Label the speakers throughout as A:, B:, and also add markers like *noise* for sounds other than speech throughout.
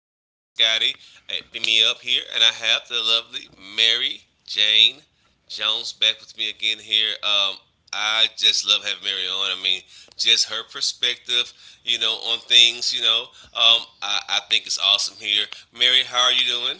A: here. This is Scotty at Beam Me Up here, and I have the lovely Mary Jane Jones back with me again here. I just love having Mary on. I mean, just her perspective, on things, I think it's awesome here. Mary, how are you doing?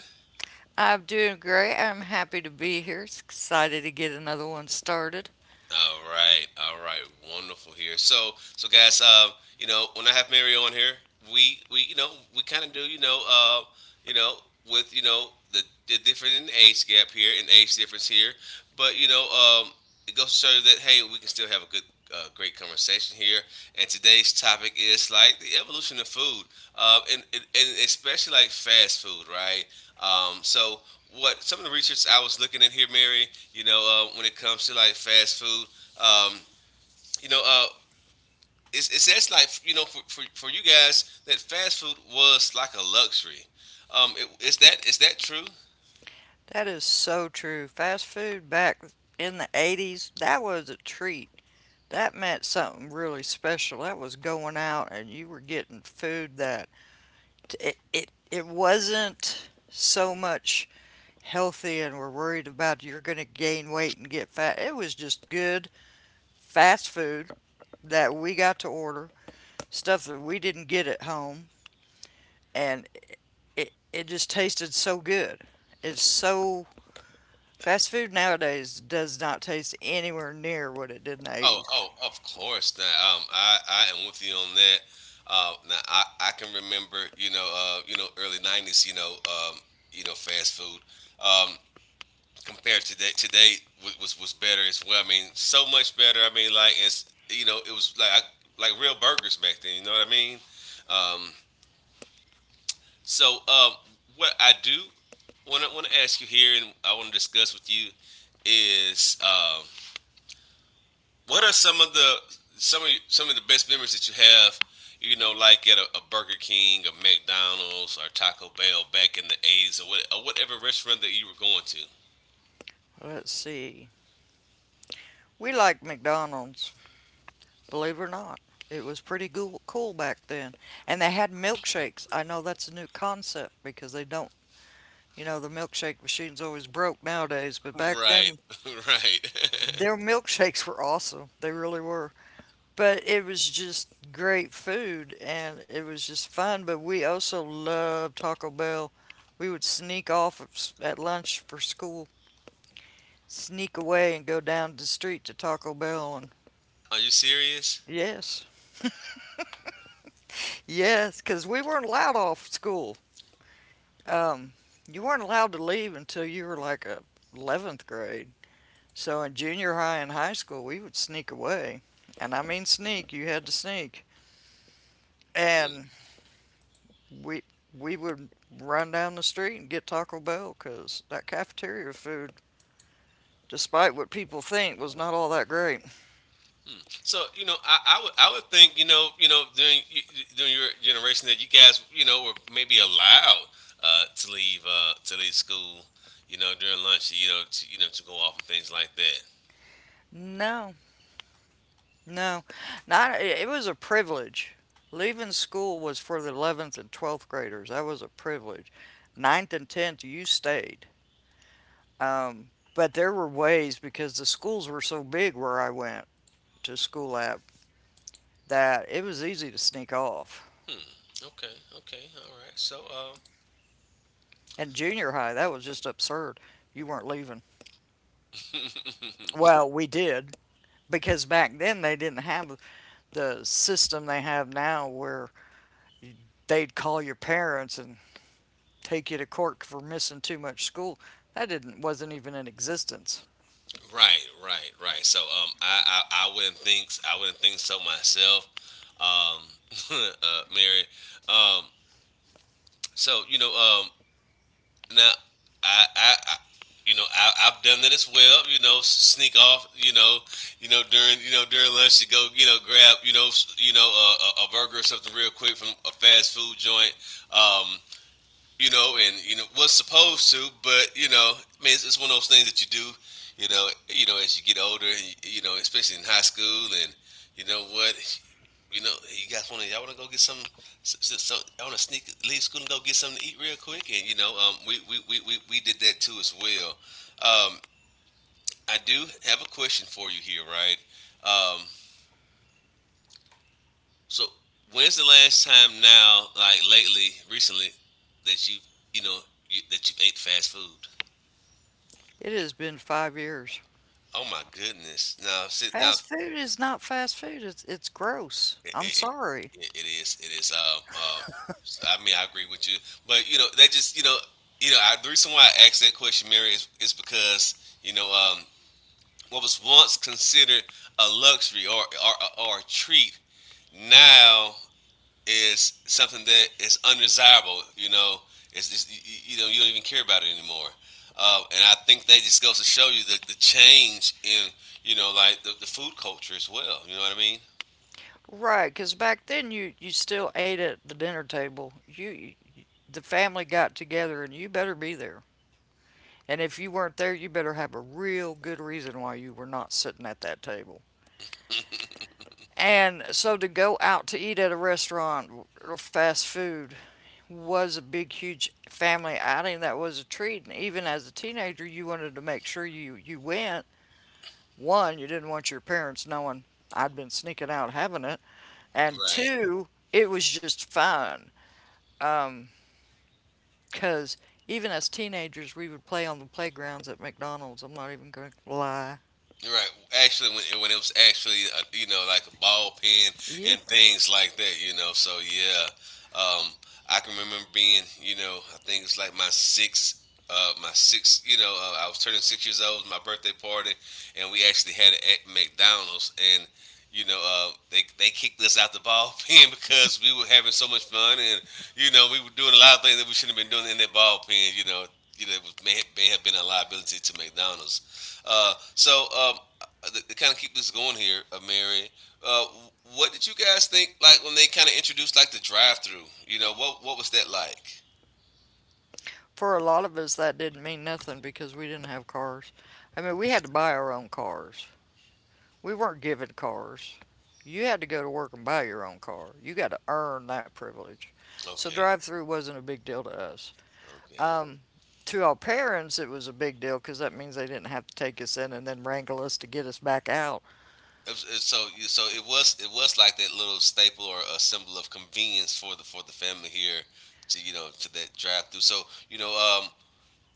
B: I'm doing great. I'm happy to be here. It's excited to get another one started.
A: All right, wonderful here. So guys, when I have Mary on here, we we you know we kind of do you know with you know the different in age gap here and age difference here, but it goes to show you that hey, we can still have a good. Great conversation here, and today's topic is like the evolution of food, and especially like fast food, right? So what some of the research I was looking at here, Mary. You know, when it comes to like fast food, um, you know, uh, it says like for you guys that fast food was like a luxury. Is that true?
B: That is so true. Fast food back in the 80s, that was a treat. That meant something really special. That was going out and you were getting food that it wasn't so much healthy and we're worried about you're going to gain weight and get fat. It was just good fast food that we got to order, stuff that we didn't get at home, and it just tasted so good. It's so Fast food nowadays does not taste anywhere near what it did in the
A: Oh,
B: eighties.
A: oh, of course. Now, I am with you on that. I can remember, early '90s, fast food. Um, compared to today, today was better as well. I mean, so much better. I mean, it was like real burgers back then. You know what I mean? Um, so um, what I do want to ask you here, and I want to discuss with you is what are some of the best memories that you have? You know, like at a Burger King, a McDonald's, or Taco Bell back in the '80s, or, what, or whatever restaurant that you were going to.
B: Let's see. We like McDonald's, believe it or not. It was pretty cool back then. And they had milkshakes. I know that's a new concept because they don't, the milkshake machine's always broke nowadays, but back
A: Right,
B: then
A: *laughs* right.
B: their
A: *laughs*
B: milkshakes were awesome. They really were. But it was just great food and it was just fun. But we also loved Taco Bell. We would sneak off of at lunch for school, sneak away and go down the street to Taco Bell. And
A: Are you serious?
B: yes, yes, because we weren't allowed off school. Um, you weren't allowed to leave until you were like a 11th grade. So in junior high and high school, we would sneak away. And I mean sneak, you had to sneak. And we we would run down the street and get Taco Bell because that cafeteria food, despite what people think, was not all that great.
A: So I would think during during your generation that you guys were maybe allowed to leave school during lunch to go off and things like that.
B: No, no, not. It was a privilege. Leaving school was for the 11th and 12th graders. That was a privilege. Ninth and 10th, you stayed. But there were ways because the schools were so big where I went to school at that it was easy to sneak off.
A: Okay, okay, all right. So
B: And junior high, that was just absurd. You weren't leaving. Well, we did, because back then they didn't have the system they have now where they'd call your parents and take you to court for missing too much school. That didn't wasn't even in existence.
A: right, right, right. I wouldn't think I wouldn't think so myself. Um, *laughs* Mary. Um, so you know um Now, I you know, I, I've done that as well. You know, sneak off. You know, during during lunch to go grab a burger or something real quick from a fast food joint. Um, you know, and you know was supposed to, but you know, I mean, it's one of those things that you do. You know, as you get older, and you know, especially in high school, and you know what, you know, you guys want to y'all want to go get some. So I want to sneak leave school and go get something to eat real quick, and we did that too as well. Um, I do have a question for you here, right? Um, so when's the last time now, like lately, recently, that you know you ate fast food?
B: It has been 5 years.
A: Oh my goodness! Now sit down.
B: Fast food is not fast food. It's gross.
A: it,
B: I'm
A: it,
B: sorry.
A: it is it is I mean I agree with you, but you know that just you know I, the reason why I asked that question, Mary, is because you know um what was once considered a luxury or a treat now is something that is undesirable. You you know you don't even care about it anymore, and I think that just goes to show you the change in the food culture as well. You know what I mean?
B: Right, 'cause back then you still ate at the dinner table. You the family got together and you better be there. And if you weren't there, you better have a real good reason why you were not sitting at that table. And so to go out to eat at a restaurant or fast food was a big, huge family outing that was a treat. And even as a teenager, you wanted to make sure you went. One, you didn't want your parents knowing I'd been sneaking out having it. And
A: Right.
B: two, it was just fun. Um, 'Cause even as teenagers, we would play on the playgrounds at McDonald's. I'm not even going to lie.
A: Right. Actually, when it was actually like a ball pen
B: Yeah.
A: and things like that, you know. So yeah, um, I can remember being I think it's like my sixth. My six, you know, I was turning 6 years old. It was my birthday party, and we actually had it at McDonald's. And they kicked us out the ball *laughs* pen because we were having so much fun, and you know, we were doing a lot of things that we shouldn't have been doing in that ball pen. You know, it was, may have been a liability to McDonald's. Uh, so um, to kind of keep this going here, Mary, uh, what did you guys think like when they kind of introduced like the drive-through? You know, what was that like?
B: For a lot of us, that didn't mean nothing because we didn't have cars. I mean, we had to buy our own cars. We weren't given cars. You had to go to work and buy your own car. You got to earn that privilege. So
A: Okay,
B: drive through wasn't a big deal to us.
A: okay.
B: Um, to our parents, it was a big deal because that means they didn't have to take us in and then wrangle us to get us back out.
A: It was, it, so it was like that little staple or a symbol of convenience for the family here to to that drive-through. So you know, um,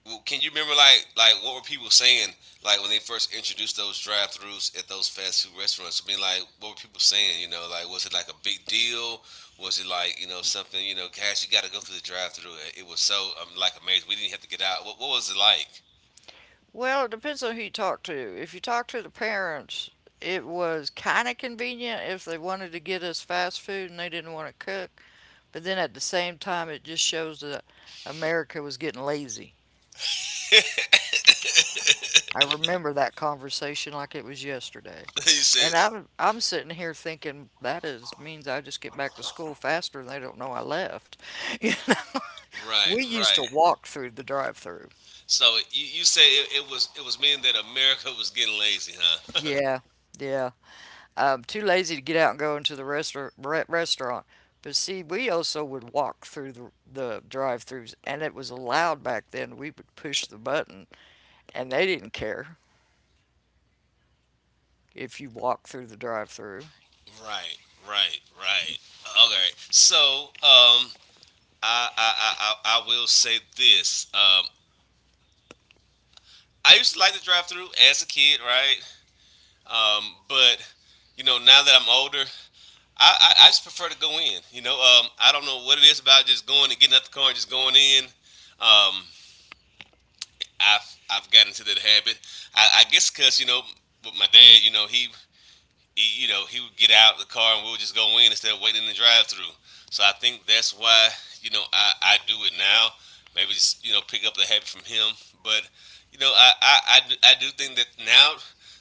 A: well, can you remember like what were people saying like when they first introduced those drive throughs at those fast food restaurants? I mean, like what were people saying? You know, like was it like a big deal? Was it like something? You know, gosh, you got to go through the drive through. It was so like amazing. We didn't have to get out. What was it like?
B: Well, it depends on who you talk to. If you talk to the parents, it was kind of convenient if they wanted to get us fast food and they didn't want to cook. But then at the same time, it just shows that America was getting lazy. I remember that conversation like it was yesterday.
A: *laughs* he
B: And
A: says,
B: I'm sitting here thinking that is means I just get back to school faster and they don't know I left. *laughs* You know?
A: right,
B: We used to
A: right,
B: walk through the drive-through.
A: So you say it, it was meaning that America was getting lazy, huh?
B: Yeah, yeah. I'm too lazy to get out and go into the restaurant. But see, we also would walk through the drive-throughs, and it was allowed back then. We would push the button, and they didn't care if you walked through the drive-through.
A: *laughs* right, right, right. Okay, so um, I will say this. I used to like the drive through as a kid, right? But you know, now that I'm older, I just prefer to go in. You know, I don't know what it is about just going and getting out the car and just going in. Um, I've gotten into that habit. I guess because you know, with my dad, you know, he would get out of the car and we would just go in instead of waiting in the drive-through. So I think that's why I do it now. Maybe just pick up the habit from him. But I do think that now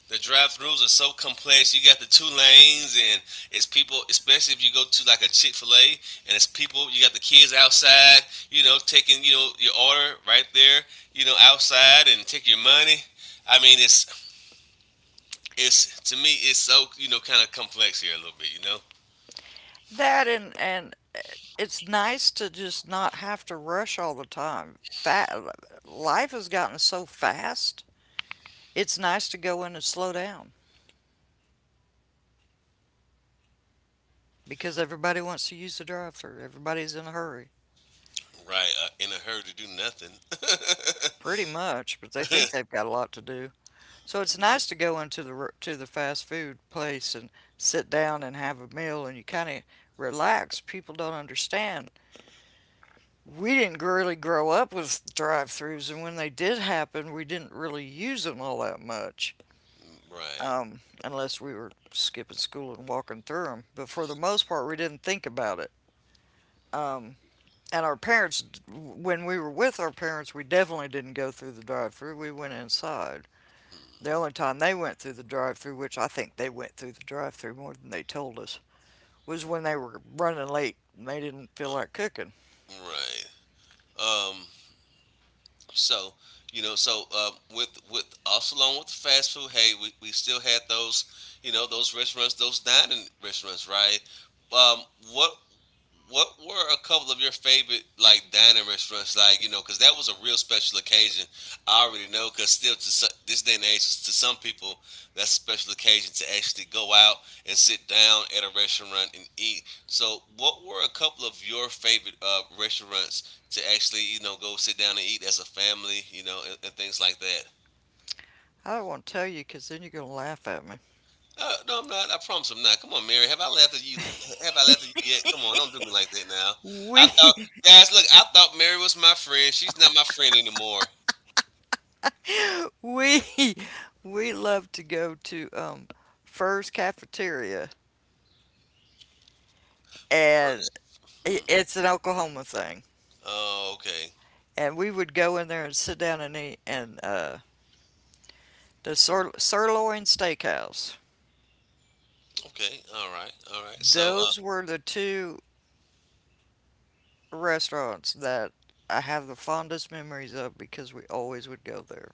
A: the drive-throughs are so complex. You got the two lanes, and it's people, especially if you go to like a Chick Fil A, and it's people. You got the kids outside, you know, taking your order right there, you know, outside and take your money. I mean, it's to me it's so kind of complex here a little bit, you know.
B: That and it's nice to just not have to rush all the time. That life has gotten so fast. It's nice to go in and slow down because everybody wants to use the drive thru. Everybody's in a hurry,
A: Right, in a hurry to do nothing.
B: pretty much, but they think
A: *laughs*
B: they've got a lot to do. So it's nice to go into the to the fast food place and sit down and have a meal and you kind of relax. People don't understand. We didn't really grow up with drive thrus, and when they did happen, we didn't really use them all that much.
A: Right.
B: Unless we were skipping school and walking through them. But for the most part, we didn't think about it. Um, and our parents, when we were with our parents, we definitely didn't go through the drive-through. We went inside. The only
A: Hmm,
B: time they went through the drive-through, which I think they went through the drive-through more than they told us, was when they were running late and they didn't feel like cooking.
A: right. um so with also along with the fast food, hey, we still had those those restaurants, those dining restaurants, right? Um what what were a couple of your favorite like dining restaurants, like you know, because that was a real special occasion. I already know, because still to this day and age to some people that's a special occasion, to actually go out and sit down at a restaurant and eat. So what were a couple of your favorite restaurants to actually you know go sit down and eat as a family, you know, and things like that?
B: I don't want to tell you because then you're gonna laugh at me.
A: No, I'm not. I promise I'm not. Come on, Mary. Have I laughed at you? Have I laughed at you yet? Come on, don't do me like that now. I
B: We
A: thought, guys, look, I thought Mary was my friend. She's not my friend anymore.
B: *laughs* we we love to go to Fur's cafeteria,
A: Hers.
B: and
A: Hmm.
B: it's an Oklahoma thing.
A: Oh, okay.
B: And we would go in there and sit down and eat. And the Sirloin Steakhouse.
A: Okay. All right. All right. So,
B: Those were the two restaurants that I have the fondest memories of because we always would go there.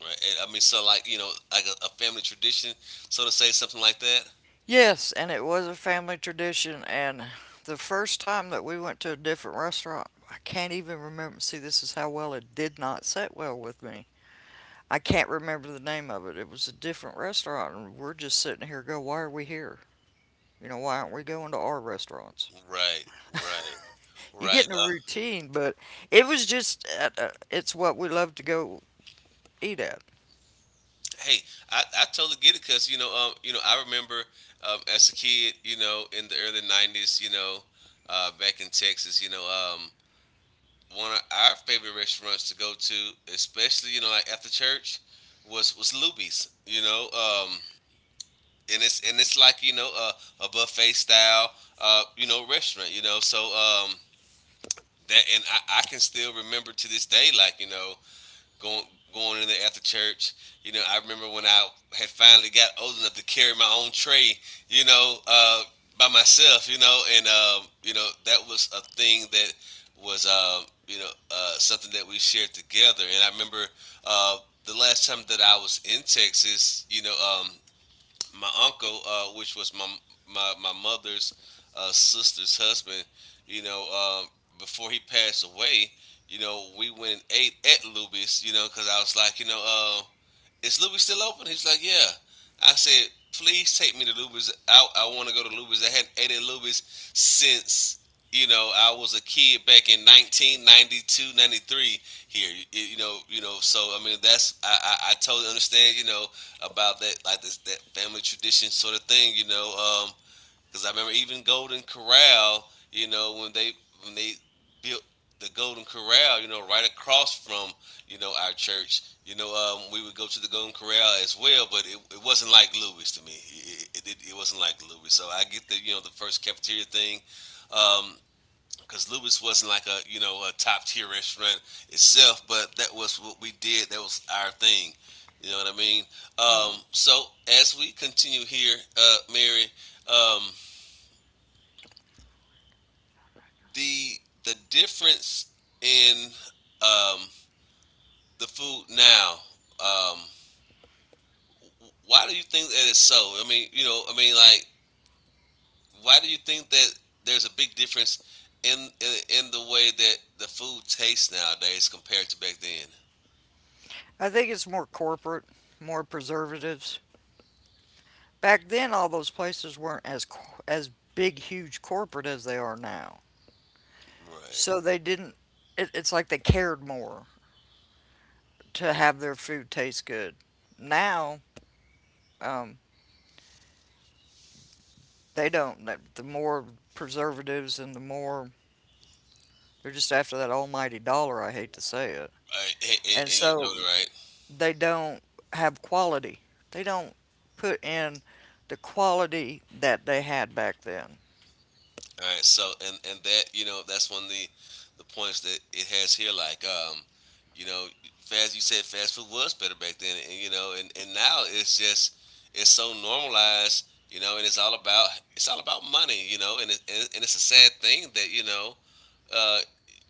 A: right. And, I mean, so like you know, like a family tradition, so to say, something like that.
B: Yes, and it was a family tradition. And the first time that we went to a different restaurant, I can't even remember. See, this is how well it did not sit well with me. I can't remember the name of it. It was a different restaurant, and we're just sitting here, go, why are we here? You know, why aren't we going to our restaurants?
A: Right. Right.
B: You get
A: Right.
B: in a routine, but it was just, it's what we love to go eat at.
A: Hey, I totally get it because you know, I remember as a kid, you know, in the early '90s, you know, back in Texas, you know, um, one of our favorite restaurants to go to, especially like after church, was Luby's. You know, and it's like a buffet style you know restaurant. You know, that. And I can still remember to this day going going in there after church. You know, I remember when I had finally got old enough to carry my own tray. You know, by myself. You know, and you know that was a thing that was something that we shared together. And I remember uh, the last time that I was in Texas. Um, my uncle, which was my mother's sister's husband, you know, um, before he passed away, you know, we went and ate at Luby's, you know, because I was like, is Luby's still open? He's like, yeah. I said, please take me to Luby's. I want to go to Luby's. I hadn't ate at Luby's since, you know, I was a kid back in 1992, '93 here. I mean, I totally understand, you know, about that, like that family tradition sort of thing, you know. Because I remember even Golden Corral, you know, when they built the Golden Corral, you know, right across from you know our church, we would go to the Golden Corral as well. But it wasn't like Louis to me. It wasn't like Louis. So I get the you know the first cafeteria thing. Um, because Lewis wasn't like a you know a top tier restaurant itself, but that was what we did. That was our thing. You know what I mean? So as we continue here, Mary, um, the the difference in um, the food now. Um, why do you think that it's so? I mean, you know, I mean, like, why do you think that there's a big difference in in the way that the food tastes nowadays compared to back then?
B: I think it's more corporate, more preservatives. Back then, all those places weren't as big, huge corporate as they are now.
A: Right.
B: So they didn't. It's like they cared more to have their food taste good. Now, um, they don't. The more preservatives and the more they're just after that almighty dollar. I hate to say it.
A: Right. And, and-
B: And
A: and you're totally
B: so
A: right.
B: they don't have quality. They don't put in the quality that they had back then.
A: All right, so and that you know that's one of the points that it has here. Like, you know, fast you said fast food was better back then, and you know, and now it's just it's so normalized, you know, and it's all about money, you know, and it's a sad thing that uh,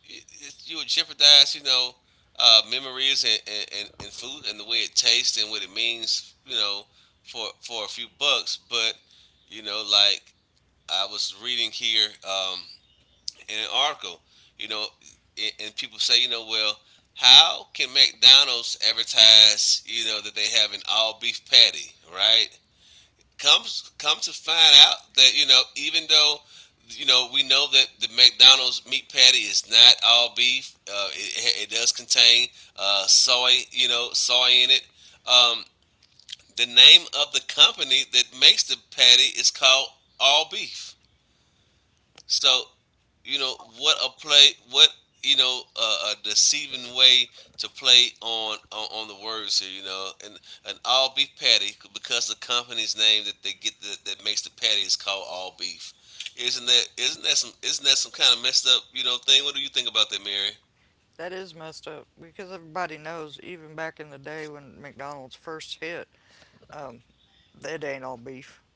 A: you would jeopardize, memories and food and the way it tastes and what it means, you know, for a few bucks, but you know, like I was reading here in an article, you know, and people say, you know, well, how can McDonald's advertise, you know, that they have an all beef patty, right? Comes come to find out that you know, even though you know we know that the McDonald's meat patty is not all beef, it does contain soy, you know, soy in it. Um, the name of the company that makes the patty is called All Beef. So, you know, what a play, a deceiving way to play on the words here, you know, and an all beef patty because the company's name that they get that, that makes the patty is called all beef. Isn't that some kind of messed up you know thing? What do you think about that, Mary?
B: That is messed up because everybody knows, even back in the day when McDonald's first hit, um, it ain't all beef. *laughs*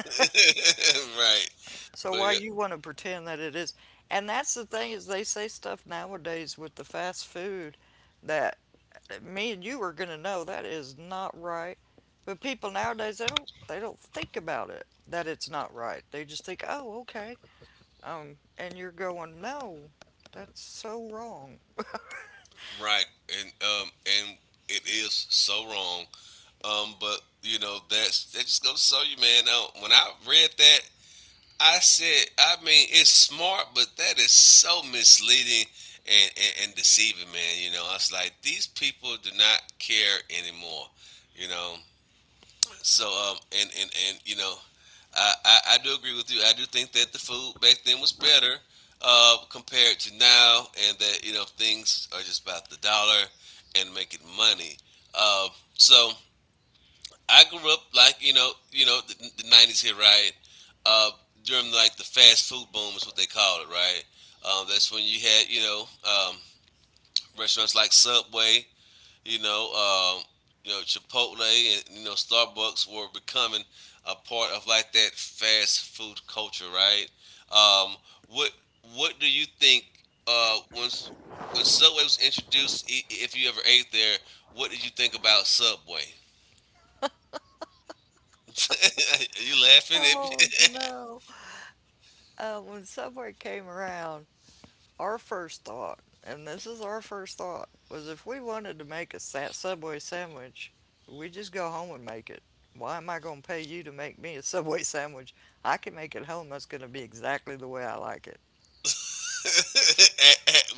A: *laughs* Right,
B: So
A: but
B: why
A: it-
B: you want to pretend that it is? And that's the thing is they say stuff nowadays with the fast food that me and you are going to know that is not right. But people nowadays, they don't think about it that it's not right. They just think, "Oh, okay." And you're going, "No, that's so wrong."
A: right, and it is so wrong. But you know that's that just goes to show you, man. When I read that, I said, I mean, it's smart, but that is so misleading and deceiving, man. You know, I was like, these people do not care anymore. You know, so and you know, I do agree with you. I do think that the food back then was better compared to now, and that you know things are just about the dollar and making money. Uh, so I grew up like you know, the nineties here, right? Uh, During like the fast food boom is what they call it, right? That's when you had you know restaurants like Subway, you know, um, you know Chipotle, and you know Starbucks were becoming a part of like that fast food culture, right? Um, what what do you think once when Subway was introduced? If you ever ate there, what did you think about Subway? *laughs* You laughing at me?
B: Oh
A: *laughs*
B: no. When Subway came around, our first thought, and this is our first thought, was if we wanted to make a Subway sandwich, we just go home and make it. Why am I going to pay you to make me a Subway sandwich? I can make it home. That's going to be exactly the way I like it.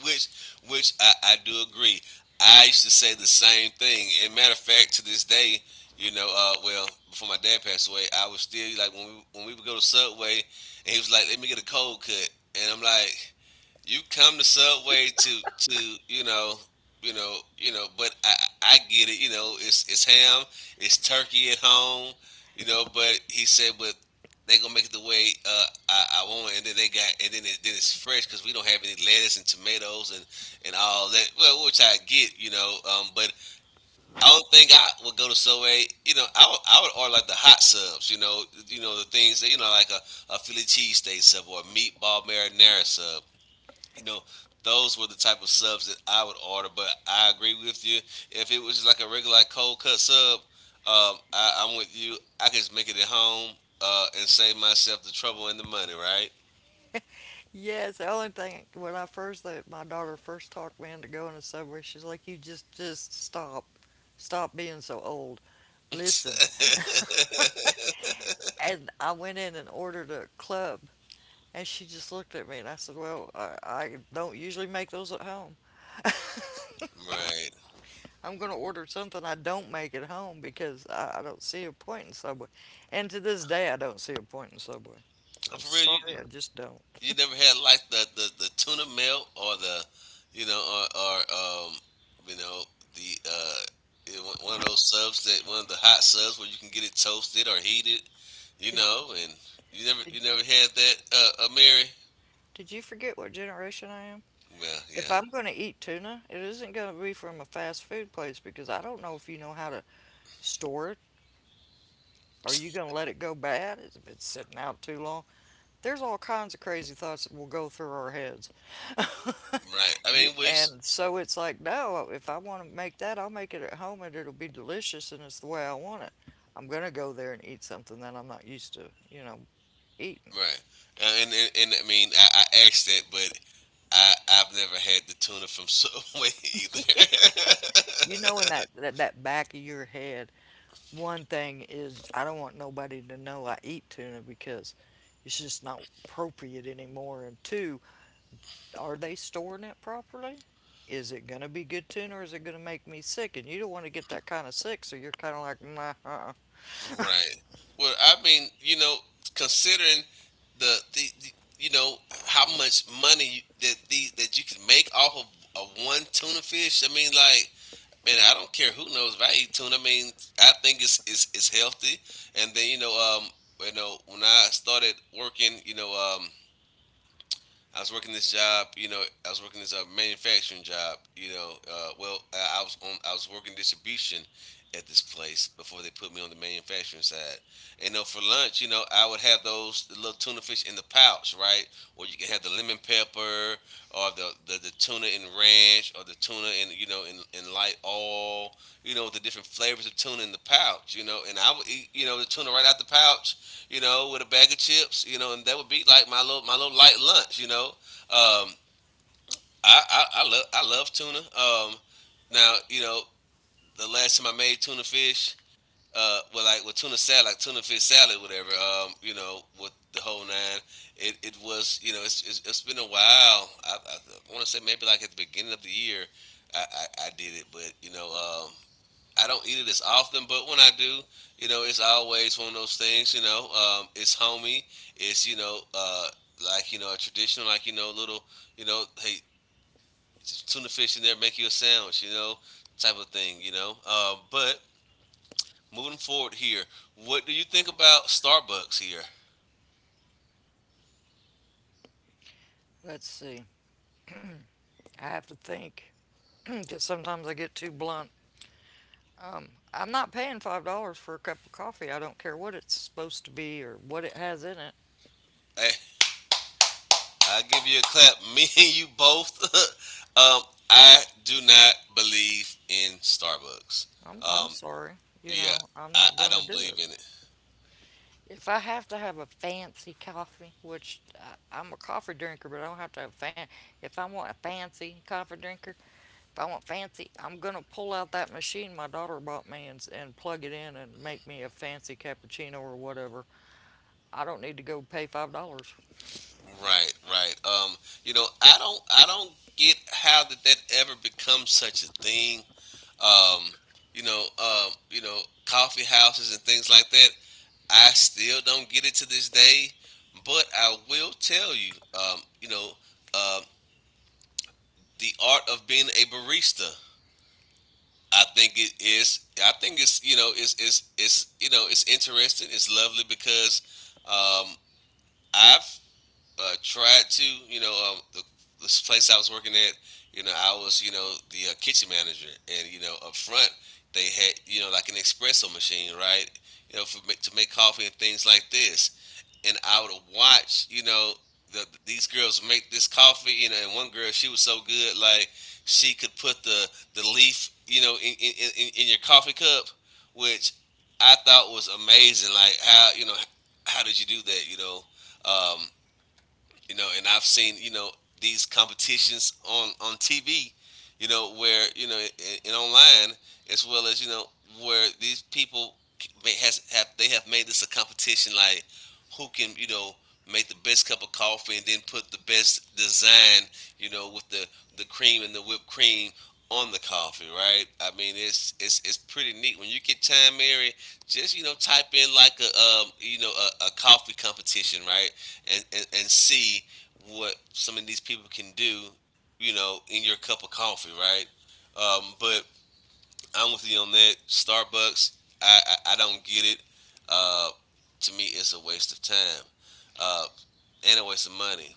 A: which, I do agree. I used to say the same thing. And matter of fact, to this day, well, before my dad passed away, I was still like when we would go to Subway, and he was like, "Let me get a cold cut," and I'm like, you come to Subway to you know but I get it. You know, it's ham, it's turkey at home. You know, but he said, but they gonna make it the way I want, it. And then they got, and then it, then it's fresh because we don't have any lettuce and tomatoes and all that. Well, which I get, you know, but I don't think I would go to Subway. I would order like the hot subs. You know the things that you know like a Philly cheesesteak sub or a meatball marinara sub you know, those were the type of subs that I would order. But I agree with you. If it was just like a regular like cold cut sub, I'm with you. I could just make it at home and save myself the trouble and the money, right?
B: Yeah, it's the only thing when I first my daughter first talked me into going to Subway, she's like, "You just stop, stop being so old. Listen."
A: *laughs*
B: And I went in and ordered a club, and she just looked at me, and I said, "Well, I don't usually make those at home."
A: Right.
B: I'm going to order something I don't make at home because I don't see a point in Subway. And to this day, I don't see a point in Subway.
A: Oh,
B: I'm
A: for real,
B: sorry, I just don't.
A: you never had like the tuna melt or the, you know, or you know, the it- one of those subs that one of the hot subs where you can get it toasted or heated, you
B: Did,
A: know, and you never
B: did,
A: had that, Mary.
B: did you forget what generation I am?
A: Well,
B: If
A: yeah,
B: I'm going to eat tuna, it isn't going to be from a fast food place because I don't know if you know how to store it. Are you going to let it go bad? It's been sitting out too long. There's all kinds of crazy thoughts that will go through our heads. *laughs*
A: right. I mean, which
B: And so it's like, no, if I want to make that, I'll make it at home and it'll be delicious and it's the way I want it. I'm going to go there and eat something that I'm not used to, you know, eating.
A: right, and I mean, I asked that, but I've never had the tuna from Subway *laughs* either. *laughs*
B: You know, in that back of your head, one thing is I don't want nobody to know I eat tuna because it's just not appropriate anymore. And two, are they storing it properly? Is it going to be good tuna or is it going to make me sick? And you don't want to get that kind of sick, so you're kind of like, nah. Uh-uh.
A: Right. Well, I mean, you know, considering the you know how much money that these that you can make off of a one tuna fish. I mean, like, man, I don't care who knows if I eat tuna. I mean, I think it's healthy. And then um, you know, when I started working, I was working this job, you know, I was working this manufacturing job, well, I was working distribution at this place before they put me on the manufacturing side. And you know, for lunch, you know, I would have those the little tuna fish in the pouch, right? Or you can have the lemon pepper, or the tuna in ranch, or the tuna in you know in light oil, you know, the different flavors of tuna in the pouch, you know. And I would eat, you know, the tuna right out the pouch you know, with a bag of chips, you know, and that would be like my little light lunch, you know. Um, I love I love tuna. Now you know the last time I made tuna fish, well like with tuna salad, like tuna fish salad, whatever. You know, with the whole nine, it was you know it's been a while. I want to say maybe like at the beginning of the year, I did it, but you know um, I don't eat it as often, but when I do, you know, it's always one of those things. You know, it's homey. It's you know, like you know, a traditional, like you know, little, you know, hey, tuna fish in there, make you a sandwich, you know, type of thing. You know, but moving forward here, what do you think about Starbucks here?
B: Let's see. I have to think because *clears throat* sometimes I get too blunt. I'm not paying $5 for a cup of coffee. I don't care what it's supposed to be or what it has in it.
A: Hey, I give you a clap. *laughs* Me and you both. *laughs* um, I do not believe in Starbucks.
B: I'm
A: Um,
B: sorry. You
A: yeah,
B: know, I'm
A: I,
B: not
A: I
B: going to
A: don't
B: do
A: believe
B: it.
A: in it.
B: If I have to have a fancy coffee, which I'm a coffee drinker, but I don't have to have fan. If I want a fancy coffee drinker, if I want fancy, I'm gonna pull out that machine my daughter bought me and plug it in and make me a fancy cappuccino or whatever. I don't need to go pay $5.
A: Right, right. You know, I don't get how did that ever become such a thing. Um, you know, coffee houses and things like that. I still don't get it to this day, but I will tell you, um, the art of being a barista. I think it is. I think it's you know it's you know it's interesting. It's lovely because um, I've tried to, you know, the this place I was working at, you know, I was, you know, the kitchen manager, and you know, up front they had, you know, like an espresso machine, right? To make coffee and things like this, and I would watch, these girls make this coffee, and one girl, she was so good. Like, she could put the leaf, in your coffee cup, which I thought was amazing. Like, how, how did you do that? Um, and I've seen these competitions on TV, you know, where you know and online, as well as you know where these people may, has have they have made this a competition, like, who can make the best cup of coffee and then put the best design, with the cream and the whipped cream on the coffee, right? I mean, it's pretty neat. When you get time, Mary, just type in, like, a a coffee competition, right? And see what some of these people can do, you know, in your cup of coffee, right? But I'm with you on that. Starbucks, I don't get it. Uh, to me, it's a waste of time, uh, and a waste of money.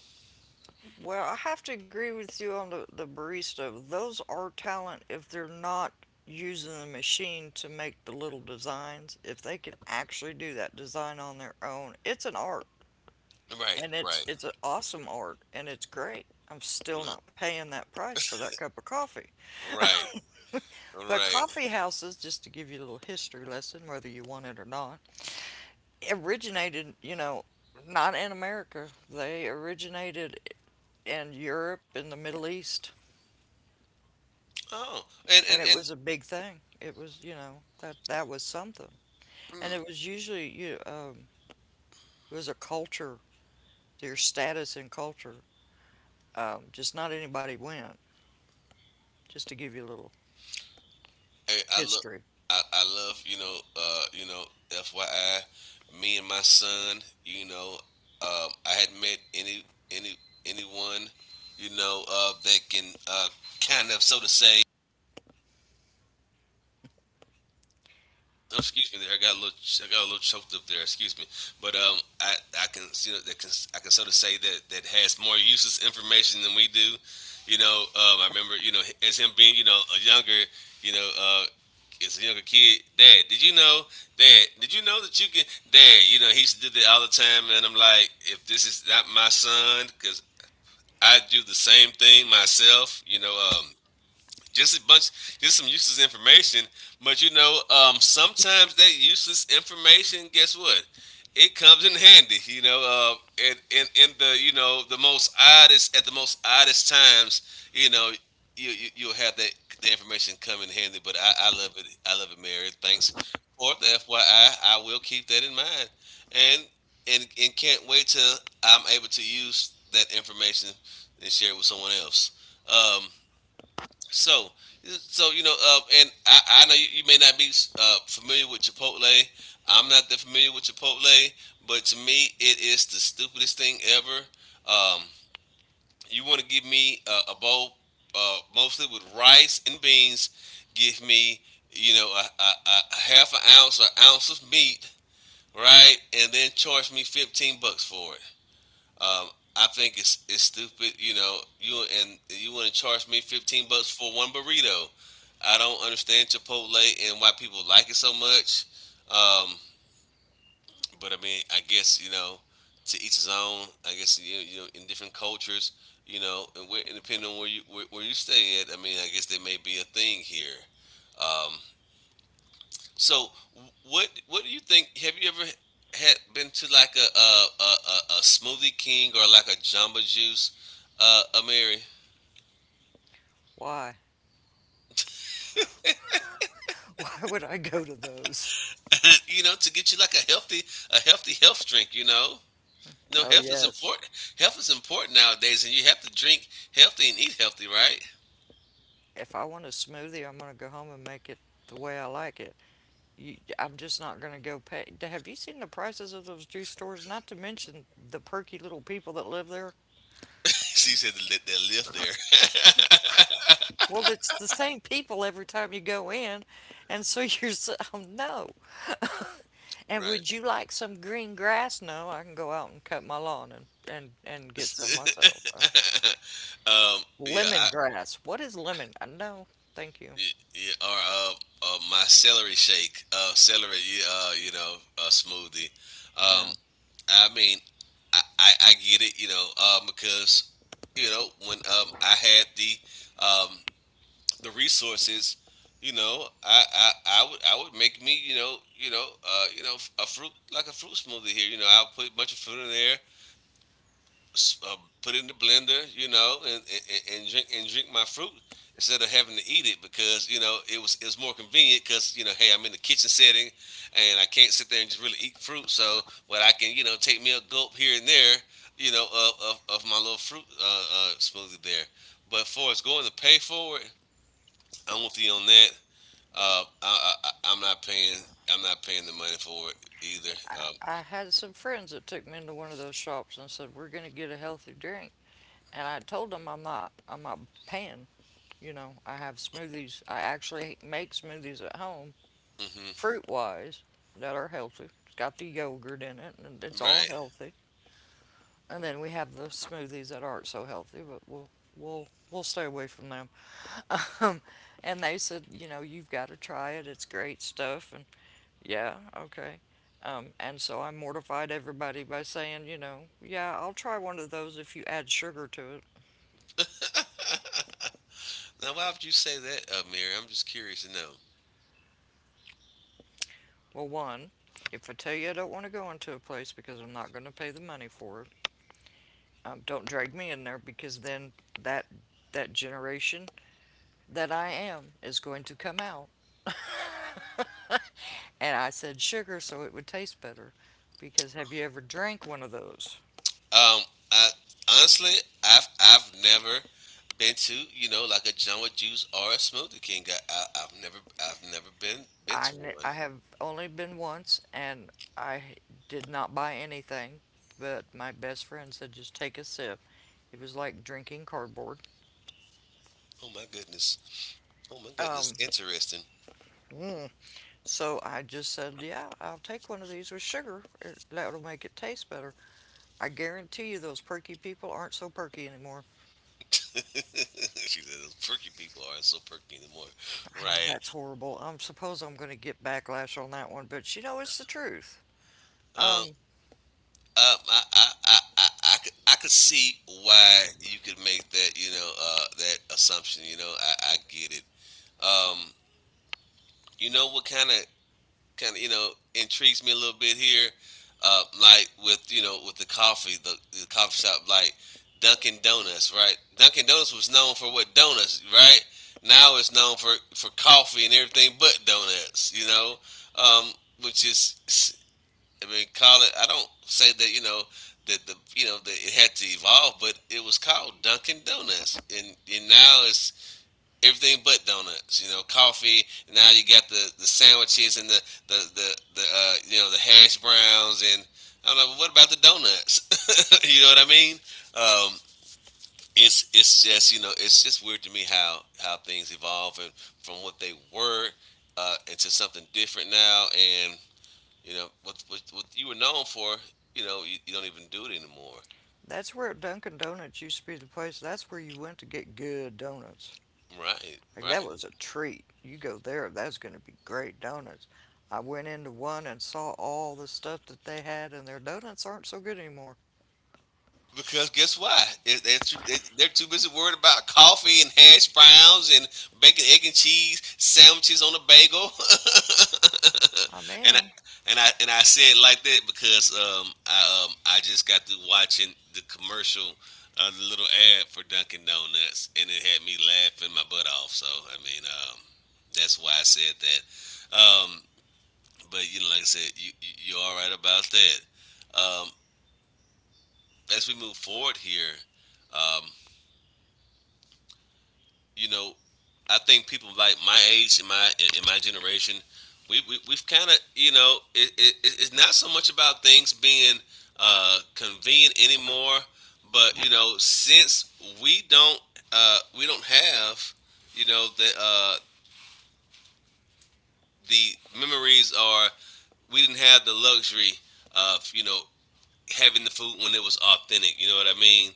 B: Well, I have to agree with you on the barista. Those are talent if they're not using the machine to make the little designs. If they can actually do that design on their own, it's an art.
A: Right,
B: And it's
A: right,
B: it's an awesome art and it's great. I'm still
A: right,
B: not paying that price for that cup of coffee.
A: right.
B: But
A: Right.
B: coffee houses, just to give you a little history lesson, whether you want it or not, originated, you know, not in America. They originated in Europe in the Middle East.
A: Oh, and
B: And
A: and
B: it
A: and.
B: was a big thing. It was, you know, that was something. And
A: Hmm.
B: it was usually you it was a culture, your status in culture. Just not anybody went, just to give you a little
A: Hey, I love,
B: history.
A: I love, FYI, me and my son, you know, I hadn't met any, anyone, that can, kind of, so to say. Oh, excuse me. There, I got a little, I got a little choked up there. Excuse me, but I can, I can sort of say that that has more useless information than we do. You know, I remember, as him being, you know, a younger, you know, as a younger kid. Dad, did you know, Dad, did you know that you can, Dad, you know, he used to do that all the time. And I'm like, if this is not my son, because I do the same thing myself. Just a bunch, just some useless information. But sometimes that useless information, guess what? It comes in handy, in the you know the most oddest at the most oddest times, you know. You you'll have that the information come in handy. But I love it, I love it, Mary. Thanks for the FYI. I will keep that in mind, and and can't wait till I'm able to use that information and share it with someone else. Um, so, so, and I know you, you may not be familiar with Chipotle. I'm not that familiar with Chipotle, but to me, it is the stupidest thing ever. Um, you want to give me a bowl, mostly with rice and beans. Give me, you know, a half an ounce or ounce of meat, right, and then charge me 15 bucks for it. Um, I think it's stupid. You know, you want to charge me 15 bucks for one burrito. I don't understand Chipotle and why people like it so much. Um, but I mean, I guess, you know, to each his own. I guess, you know, you know, in different cultures, you know, and, where, and depending on where you where you stay at. I mean, I guess there may be a thing here. Um, so what do you think? Have you ever had been to like a Smoothie King or like a Jamba Juice, Mary?
B: Why? *laughs* Why would I go to those?
A: *laughs* You know, to get you like a healthy, a healthy health drink. You know, no,
B: Oh,
A: health is
B: yes.
A: important. Health is important nowadays, and you have to drink healthy and eat healthy, right?
B: If I want a smoothie, I'm gonna go home and make it the way I like it. You, I'm just not gonna go pay. D- Have you seen the prices of those juice stores? Not to mention the perky little people that live there.
A: *laughs* She said the lift there.
B: Well, it's the same people every time you go in, and so you're so, *laughs* oh, no. *laughs*
A: *laughs*
B: And
A: Right?
B: would you like some green grass? No, I can go out and cut my lawn and and get some myself.
A: *laughs* um, yeah,
B: Lemon
A: I,
B: grass. What is lemon? No, thank you.
A: yeah. Or my celery shake, celery, yeah, you know, smoothie. Um,
B: Now,
A: I mean, I get it, you know, because you know, when I had um, the resources, you know, I would make me, a fruit, like a fruit smoothie here. You know, I'll put a bunch of fruit in there, put it in the blender, you know, and drink my fruit instead of having to eat it, because, you know, it was, it was more convenient, because, you know, hey, I'm in the kitchen setting and I can't sit there and just really eat fruit. So what I can, you know, take me a gulp here and there, you know, of my little fruit smoothie there. But for as going to pay for it, I'm with you on that. I'm not paying, I'm not paying the money for it either.
B: I had some friends that took me into one of those shops and said, "We're going to get a healthy drink." And I told them I'm not paying. You know, I have smoothies. I actually make smoothies at home,
A: Hmm
B: fruit wise, that are healthy. It's got the yogurt in it and it's all
A: Right.
B: healthy. And then we have the smoothies that aren't so healthy, but we'll stay away from them. *laughs* Um, and they said, you know, you've got to try it. It's great stuff. And yeah, okay. And so I mortified everybody by saying, you know, yeah, I'll try one of those if you add sugar to it.
A: Now, why would you say that, uh, Mary? I'm just curious to know.
B: Well, one, if I tell you I don't want to go into a place because I'm not going to pay the money for it, don't drag me in there because then that that generation that I am is going to come out. And I said sugar so it would taste better because have you ever drank one of those?
A: Um, I, Honestly, I've never been to, you know, like a Jamba Juice or a Smoothie King. I've never, I've never been been to
B: I
A: one.
B: I have only been once, and I did not buy anything, but my best friend said just take a sip. It was like drinking cardboard.
A: Oh my goodness! Oh my goodness! Interesting.
B: So I just said, yeah, I'll take one of these with sugar. That'll make it taste better. I guarantee you those perky people aren't so perky anymore.
A: *laughs* She said those perky people are so perky anymore,
B: I know
A: right?
B: that's horrible. I am suppose I'm going to get backlash on that one, but you know it's the truth.
A: Um,
B: Um,
A: I could see why you could make that, you know, that assumption. You know, I get it. Um, you know, what kind of, kind of, you know, intrigues me a little bit here. Like with, you know, with the coffee, the coffee shop, like Dunkin' Donuts, right? Dunkin' Donuts was known for what? Donuts, right? Now it's known for coffee and everything but donuts, you know. Um, which is, I mean, call it. I don't say that, you know, that the, you know, that it had to evolve, but it was called Dunkin' Donuts, and now it's everything but donuts. You know, coffee. Now you got the sandwiches and the you know, the hash browns and I don't know. What about the donuts? *laughs* You know what I mean? Um, it's it's just, you know, it's just weird to me how things evolve and from what they were into something different now. And you know what what you were known for, you know, you don't even do it anymore.
B: that's where Dunkin' Donuts used to be the place. That's where you went to get good donuts.
A: Right,
B: Like that
A: right.
B: was a treat. You go there, that's going to be great donuts. I went into one and saw all the stuff that they had, and their donuts aren't so good anymore.
A: Because guess what? They're too, they're too busy worried about coffee and hash browns and bacon, egg and cheese sandwiches on a bagel.
B: I
A: *laughs* and I,
B: mean,
A: and I and I say it like that because I just got through watching the commercial, the little ad for Dunkin' Donuts, and it had me laughing my butt off. So I mean, that's why I said that. But you know, like I said, you're all right about that. Um, as we move forward here, um, you know, I think people like my age and my generation, we we've kind of, you know, it's not so much about things being convenient anymore, but you know, since we don't, we don't have, you know, the the memories are, we didn't have the luxury of, you know, having the food when it was authentic. You know what I mean?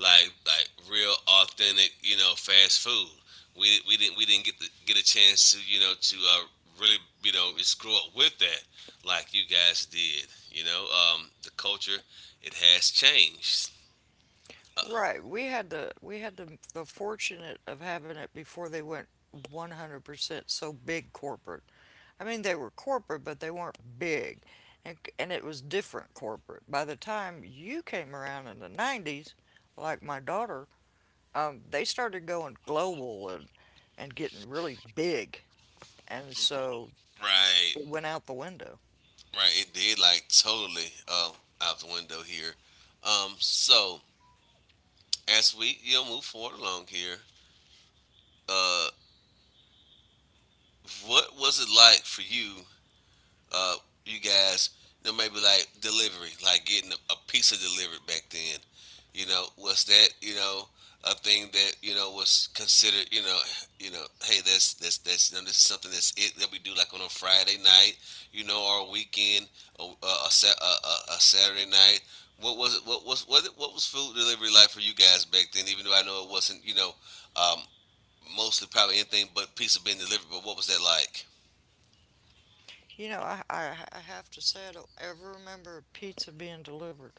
A: Like real authentic, you know, fast food. We didn't get get a chance to, you know, to really, you know, just grow up with that, like you guys did. You know, the culture, it has changed. Uh,
B: right? We had the fortunate of having it before they went 100% so big corporate. I mean, they were corporate, but they weren't big, and it was different corporate. By the time you came around in the 90s, like my daughter, they started going global and getting really big, and so
A: Right,
B: it went out the window.
A: right. It did, like, totally out the window here. So, as we, you know, move forward along here, uh, what was it like for you, uh, you guys, you know, maybe like delivery, like getting a pizza delivered back then. You know, was that, you know, a thing that, you know, was considered? You know, hey, that's you know, this is something that's it that we do, like, on a Friday night, you know, or a weekend, or a, Sa- a Saturday night. What was it? What was, what was food delivery like for you guys back then? Even though I know it wasn't, you know, um, mostly probably anything but pizza being delivered. But what was that like?
B: You know, I have to say, I don't ever remember pizza being delivered.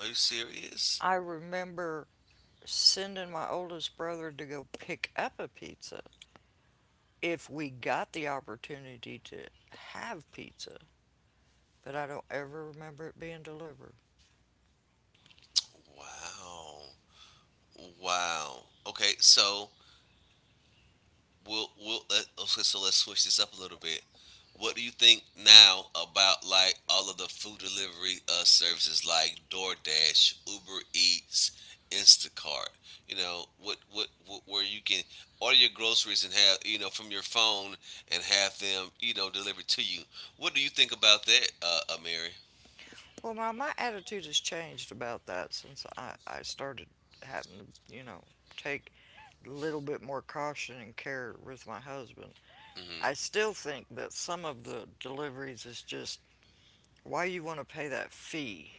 A: Are you serious?
B: I remember sending my oldest brother to go pick up a pizza if we got the opportunity to have pizza, but I don't ever remember it being delivered.
A: Wow. Wow. Okay, so we'll okay, so let's switch this up a little bit. What do you think now about, like, all of the food delivery services like DoorDash, Uber Eats, Instacart? You know, what, what, where you can order your groceries and have, you know, from your phone and have them, you know, delivered to you. What do you think about that, uh, Mary?
B: Well, my attitude has changed about that since I started having to, you know, take a little bit more caution and care with my husband.
A: Mhm.
B: I still think that some of the deliveries is just why you want to pay that fee.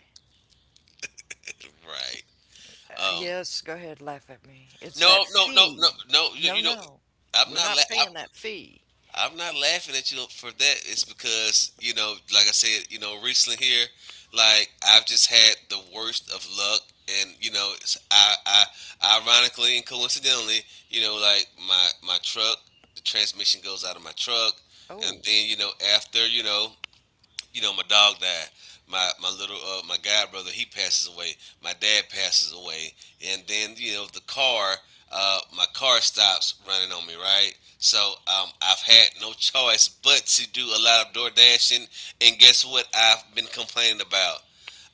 A: Right. Um.
B: Yes, go ahead, laugh at me. It's that
A: No, no, no, no,
B: fee.
A: no. You,
B: No,
A: you know,
B: no,
A: I'm
B: We're
A: not.
B: not paying that fee.
A: I'm not laughing at you for that. It's because like I said, recently here, like I've just had the worst of luck, and ironically and coincidentally, my truck, the transmission goes out of my truck, and
B: Oh,
A: then you know, after you know, my dog died. My little my god brother he passes away. My dad passes away, and then the car. My car stops running on me, right? So I've had no *laughs* choice but to do a lot of door dashing, and guess what? I've been complaining about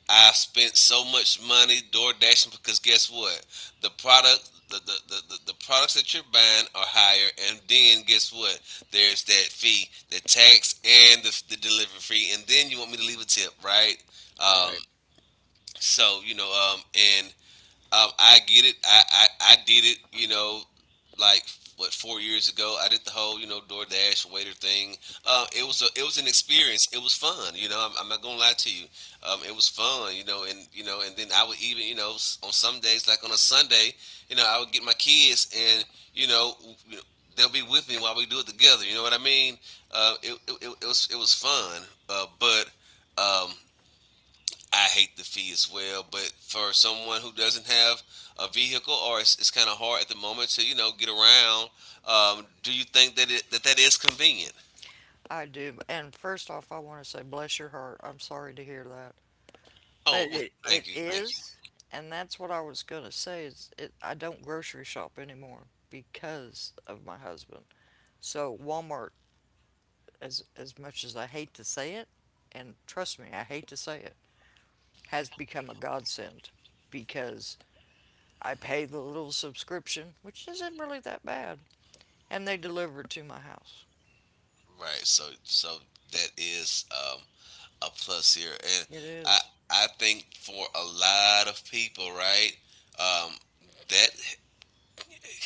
A: I spent so much money door dashing because guess what? The product the products that you're buying are higher and then guess what? There's that fee, the tax and the delivery fee and then you want me to leave a tip, right? Um,
B: right.
A: so, you know, and I get it. I did it, like what 4 years ago. I did the whole, DoorDash waiter thing. It was an experience. It was fun. You know, I'm not gonna lie to you. It was fun. And then I would even, on some days, like on a Sunday, I would get my kids, and you know, w- you know, they'll be with me while we do it together. You know what I mean? It was fun. But um, I hate the fee as well. But for someone who doesn't have a vehicle or it's kind of hard at the moment to get around. Do you think that it that that is convenient?
B: I do. And first off, I want to say, bless your heart. I'm sorry to hear that.
A: Oh,
B: But
A: well,
B: it
A: thank you, thank
B: is, and that's what I was going to say is it, I don't grocery shop anymore because of my husband. So Walmart, as much as I hate to say it, and trust me, I hate to say it, has become a godsend because I pay the little subscription, which isn't really that bad, and they deliver it to my house.
A: you. Right, so that is a plus here, and
B: It
A: I
B: is.
A: I think for a lot of people, right, um, that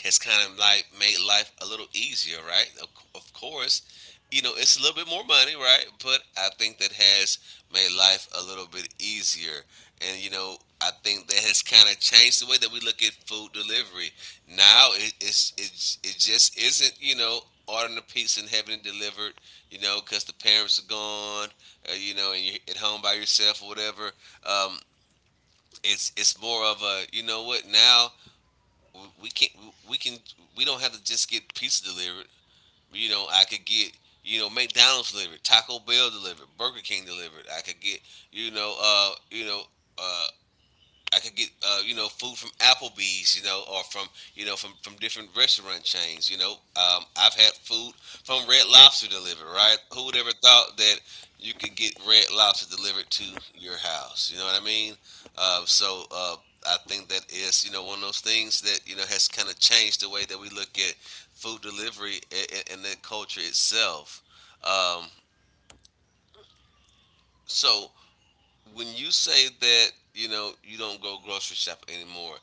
A: has kind of like made life a little easier, right? Of course, you know, it's a little bit more money, right? But I think that has made life a little bit easier. And, I think that has kind of changed the way that we look at food delivery. Now it just isn't, you know, ordering a pizza and having it delivered, you know, because the parents are gone, you know, and you're at home by yourself or whatever. Um, it's more of a, you know what, now we can't we can we don't have to just get pizza delivered. You know, I could get McDonald's delivered, Taco Bell delivered, Burger King delivered. I could get you know uh I could get food from Applebee's, you know, or from different restaurant chains. I've had food from Red Lobster delivered. Right? Who would ever thought that you could get Red Lobster delivered to your house? You know what I mean? So I think that is you know one of those things that you know has kind of changed the way that we look at food delivery and, that culture itself. Um, so when you say that, you know, you don't go grocery shop anymore,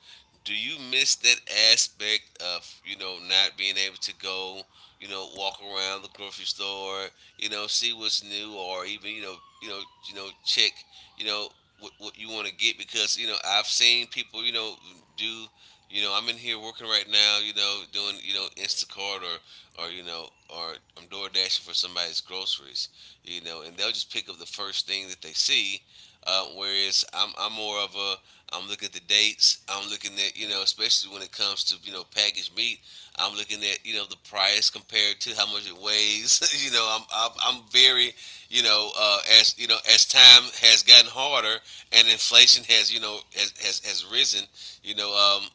A: do you miss that aspect of, you know, not being able to go, you know, walk around the grocery store, you know, see what's new, or even, you know, check, you know, what you want to get? Because, you know, I've seen people, you know, do, I'm in here working right now, you know, doing, you know, Instacart, or I'm door dashing for somebody's groceries, you know, and they'll just pick up the first thing that they see. Whereas I'm more of a I'm looking at the dates. I'm looking at, you know, especially when it comes to, you know, packaged meat. I'm looking at, you know, the price compared to how much it weighs. *laughs* You know, I'm very, you know, as you know, as time has gotten harder and inflation has risen. You know, um,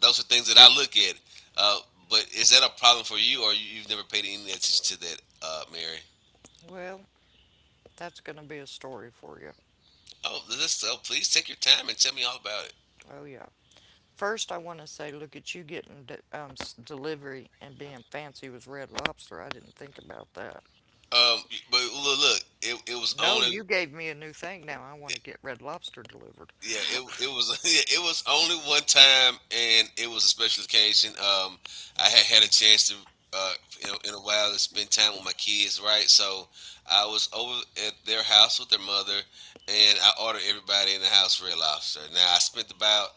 A: those are things that I look at. Uh, but is that a problem for you, or you've never paid any attention to that, Mary?
B: Well, that's going to be a story for you.
A: Oh, please take your time and tell me all about it.
B: Oh yeah. First, I want to say, look at you getting delivery and being fancy with Red Lobster. I didn't think about that.
A: Um, but look, it was
B: No,
A: only.
B: you gave me a new thing now. I want to get Red Lobster delivered.
A: Yeah, it was *laughs* it was only one time, and it was a special occasion. I had had a chance to uh, in a while to spend time with my kids, right? So I was over at their house with their mother, and I ordered everybody in the house red lobster. Now I spent about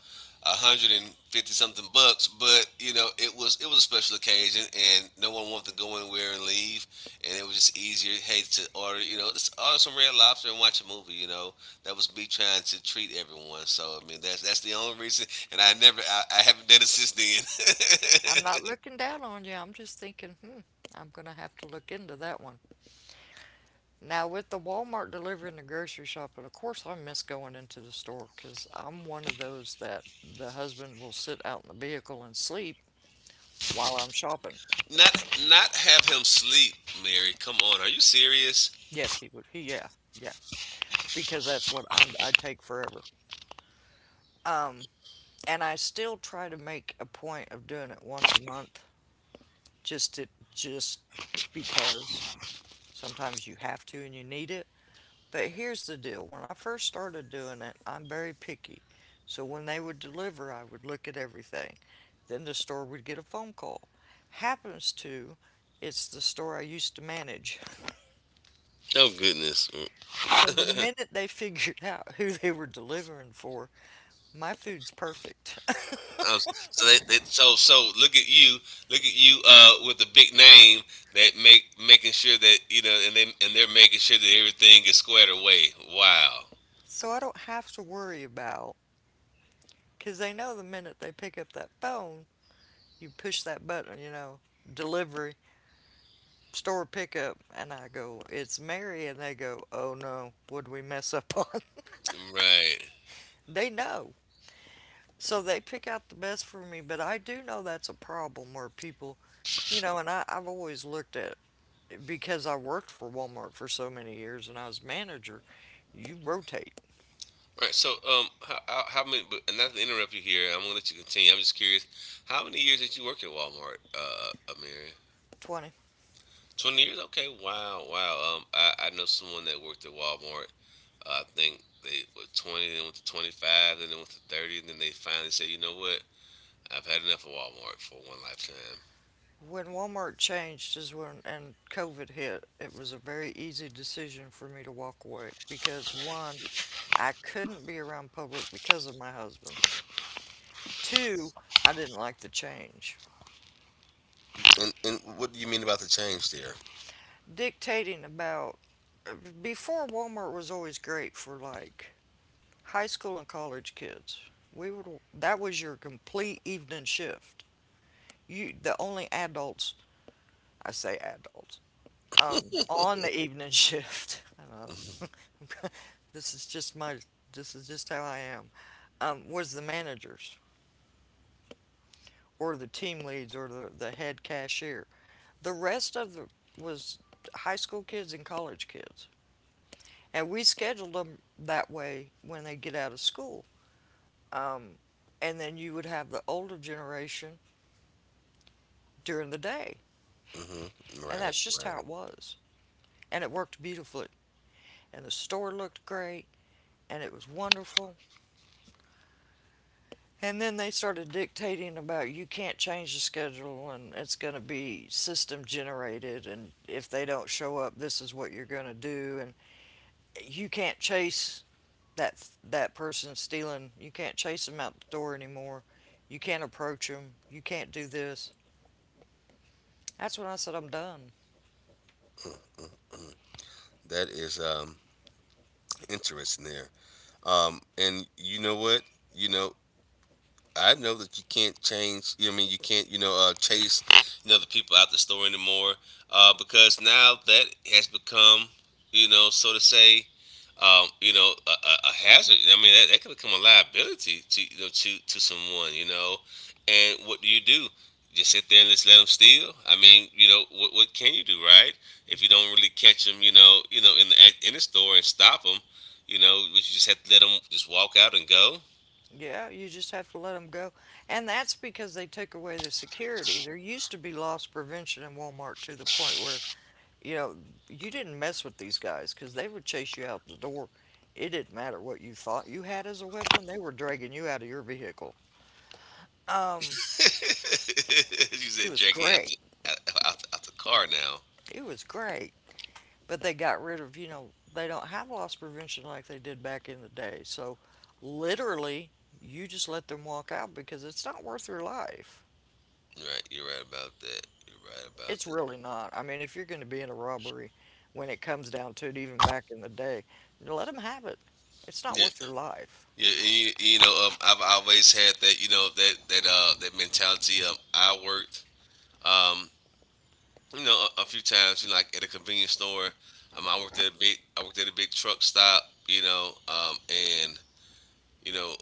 A: 150 something bucks, but you know it was a special occasion, and no one wanted to go anywhere and leave, and it was just easier, hey, to order you know just order some red lobster and watch a movie, you know. That was me trying to treat everyone. So I mean, that's the only reason. And I never, I haven't done it since then.
B: I'm not looking down on you. I'm just thinking, hmm, I'm going to have to look into that one. Now, with the Walmart delivery and the grocery shopping, of course, I miss going into the store because I'm one of those that the husband will sit out in the vehicle and sleep while I'm shopping.
A: *laughs* Not have him sleep, Mary. Come on, are you serious?
B: Yes, he would. Yeah, yeah. Because that's what I take forever. Um, and I still try to make a point of doing it once a month, just to, just because sometimes you have to and you need it. But here's the deal when I first started doing it, I'm very picky. So when they would deliver, I would look at everything. Then the store would get a phone call. Happens to, it's the store I used to manage.
A: Oh goodness. Mm.
B: So the minute they *laughs* figured out who they were delivering for, my food's perfect. *laughs*
A: Um, so they, so so look at you, with the big name, that make making sure that, you know, and they're making sure that everything is squared away. Wow.
B: So I don't have to worry about, because they know the minute they pick up that phone, you push that button, you know, delivery, store pickup and I go, "It's Mary." And they go, "Oh no, would we mess up on?"
A: Right.
B: *laughs* They know. So they pick out the best for me. But I do know that's a problem where people, you know, and I've always looked at because I worked for Walmart for so many years and I was manager, you rotate
A: All right. So, how many? But and not to interrupt you here, I'm gonna let you continue. I'm just curious, how many years did you work at Walmart, Amir?
B: 20.
A: 20 years. Okay. Wow. Wow. I know someone that worked at Walmart. I think they were 20, then went to 25, then they went to 30, and then they finally said, you know what? I've had enough of Walmart for one lifetime.
B: When Walmart changed is when and COVID hit, it was a very easy decision for me to walk away because one, I couldn't be around public because of my husband. Two, I didn't like the change.
A: And what do you mean about the change there?
B: Dictating about before Walmart was always great for like high school and college kids. We would that was your complete evening shift. You the only adults I say adults on the evening shift. *laughs* I know *laughs* this is just my this is just how I am. Was the managers or the team leads or the head cashier. The rest of it was high school kids and college kids. And we scheduled them that way when they get out of school. Um, and then you would have the older generation during the day.
A: Hmm.
B: And
A: Right,
B: that's just how
A: right.
B: it was. And it worked beautifully. And the store looked great. And it was wonderful. And then they started dictating about you can't change the schedule and it's going to be system generated. And if they don't show up, this is what you're going to do. And you can't chase that person stealing. You can't chase them out the door anymore. You can't approach them. You can't do this. That's when I said I'm done.
A: That is interesting there. And you know what? You know, I know that you can't change. You know, I mean, you can't, you know, chase, you know, the people out the store anymore, because now that has become, you know, so to say, you know, a hazard. I mean, that could become a liability to, you know, to someone. You know, and what do you do? Just sit there and just let them steal. I mean, you know, what can you do, right? If you don't really catch them, you know, in the store and stop them, you know, would you just have to let them just walk out and go?
B: Yeah, you just have to let them go. And that's because they took away the security. There used to be loss prevention in Walmart to the point where, you know, you didn't mess with these guys because they would chase you out the door. It didn't matter what you thought you had as a weapon, they were dragging you out of your vehicle.
A: *laughs* You
B: It
A: said
B: was
A: dragging
B: great.
A: out, out the car now.
B: It was great. But they got rid of, you know, they don't have loss prevention like they did back in the day. So literally, you just let them walk out because it's not worth your life.
A: Right, you're right about that. You're right about
B: It's
A: that.
B: really not. I mean, if you're going to be in a robbery when it comes down to it, even back in the day, let them have it. It's not
A: Yeah,
B: worth your life.
A: yeah. And I've always had that. You know, that mentality. I worked. Um, you know, a few times. You know, like at a convenience store. I worked at a big truck stop. You know, and you know,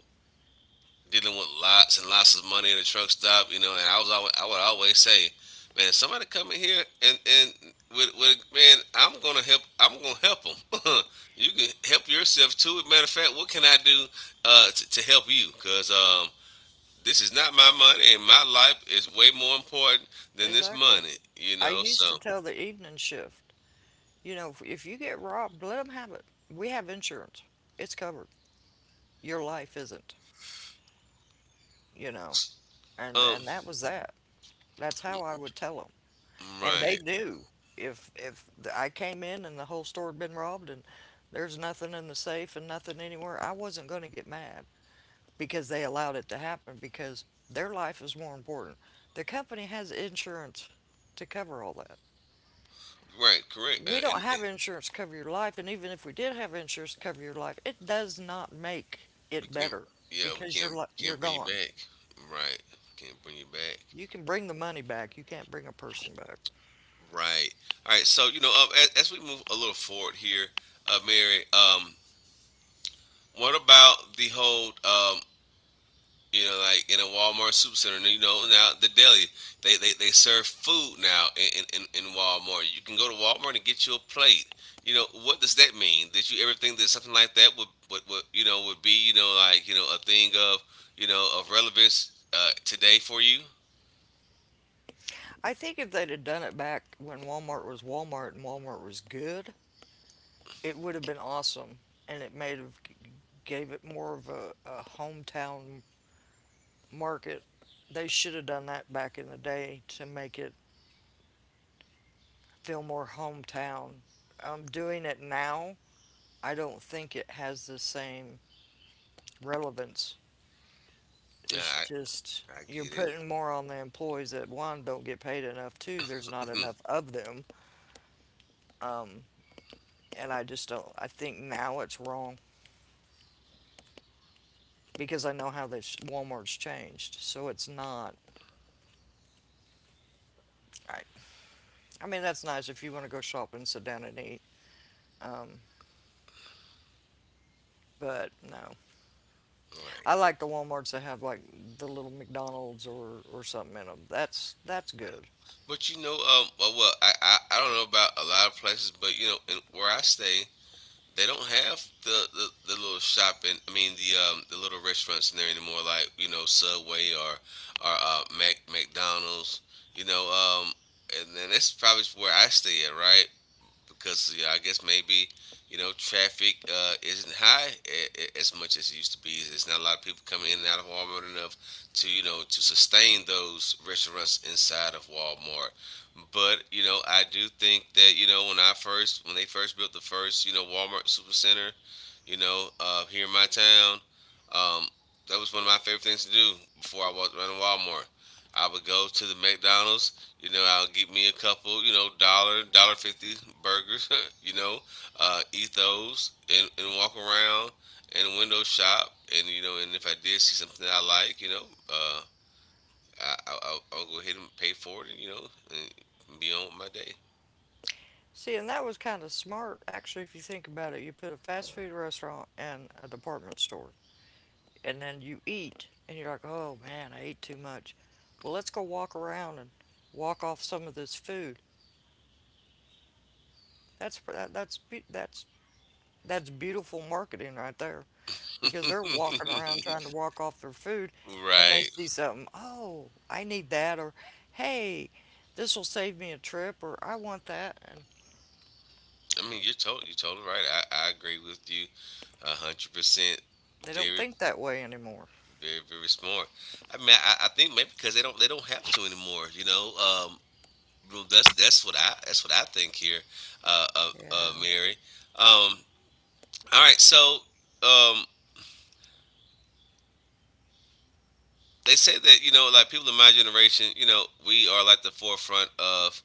A: dealing with lots and lots of money in a truck stop, you know, and I would always say, man, somebody come in here and with man, I'm gonna help. I'm gonna help them. *laughs* You can help yourself too. Matter of fact, what can I do to help you? Cause this is not my money, and my life is way more important than this
B: Exactly.
A: money. You
B: I
A: know,
B: used to
A: so
B: tell the evening shift, you know, if you get robbed, let them have it. We have insurance. It's covered. Your life isn't, you know. And
A: um,
B: and that was that. That's how I would tell them. And they
A: right,
B: knew if I came in and the whole store had been robbed and there's nothing in the safe and nothing anywhere, I wasn't going to get mad because they allowed it to happen because their life is more important. The company has insurance to cover all that.
A: right, correct.
B: We don't
A: And,
B: have
A: and
B: insurance to cover your life, and even if we did have insurance to cover your life, it does not make
A: we
B: it
A: can,
B: better
A: yeah, we
B: because you're
A: can't bring you
B: gone.
A: back. Right, can't bring you back.
B: You can bring the money back, you can't bring a person back.
A: Right. All right. So as we move a little forward here, Mary, what about the whole, like in a Walmart supercenter? And, now the deli, they serve food now in Walmart. You can go to Walmart and get you a plate. You know, what does that mean? Did you ever think that something like that would, you know, would be, you know, like, you know, a thing of relevance today for you?
B: I think if they'd have done it back when Walmart was Walmart and Walmart was good, it would have been awesome, and it made have gave it more of a hometown market. They should have done that back in the day to make it feel more hometown. Doing it now, I don't think it has the same relevance. It's
A: I
B: just
A: I
B: you're
A: get it.
B: putting more on the employees that one don't get paid enough, two there's not
A: *laughs*
B: enough of them, um, and I just don't. I think now it's wrong because I know how this Walmart's changed. So it's not. I, I mean, that's nice if you want to go shopping and sit down and eat. Um, but no, I
A: Right.
B: like the WalMarts that have like the little McDonald's or something in them. That's good.
A: But you know, well, I don't know about a lot of places, but you know, where I stay, they don't have the little shopping. I mean, the little restaurants in there anymore, like, you know, Subway, or, Mac McDonald's. You know, and then that's probably where I stay at, right? Because yeah, I guess maybe traffic isn't high as much as it used to be. There's not a lot of people coming in and out of Walmart enough to to sustain those restaurants inside of Walmart. But I do think that when they first built the first Walmart Supercenter, here in my town, um, that was one of my favorite things to do before I walked around Walmart. I would go to the McDonald's. I'll get me a couple, dollar, dollar 50 burgers, *laughs* you know, eat those and walk around and window shop. And, if I did see something that I like, uh, I'll go ahead and pay for it, and be on with my day.
B: See, and that was kind of smart actually. If you think about it, you put a fast food restaurant and a department store, and then you eat, and you're like, oh man, I ate too much. Well, let's go walk around and walk off some of this food. That's that, that's that's beautiful marketing right there because they're walking
A: *laughs*
B: around trying to walk off their food and they
A: Right.
B: see something, oh, I need that, or hey, this will save me a trip, or I want that. And
A: I mean, you're totally right. I agree with you 100%.
B: they don't
A: Very,
B: think that way anymore.
A: very, very smart. I mean, I think maybe because they don't have to anymore. Well, that's what I that's what I think here,
B: Yeah.
A: Mary. Um, all right, so um, they say that like people in my generation, we are like the forefront of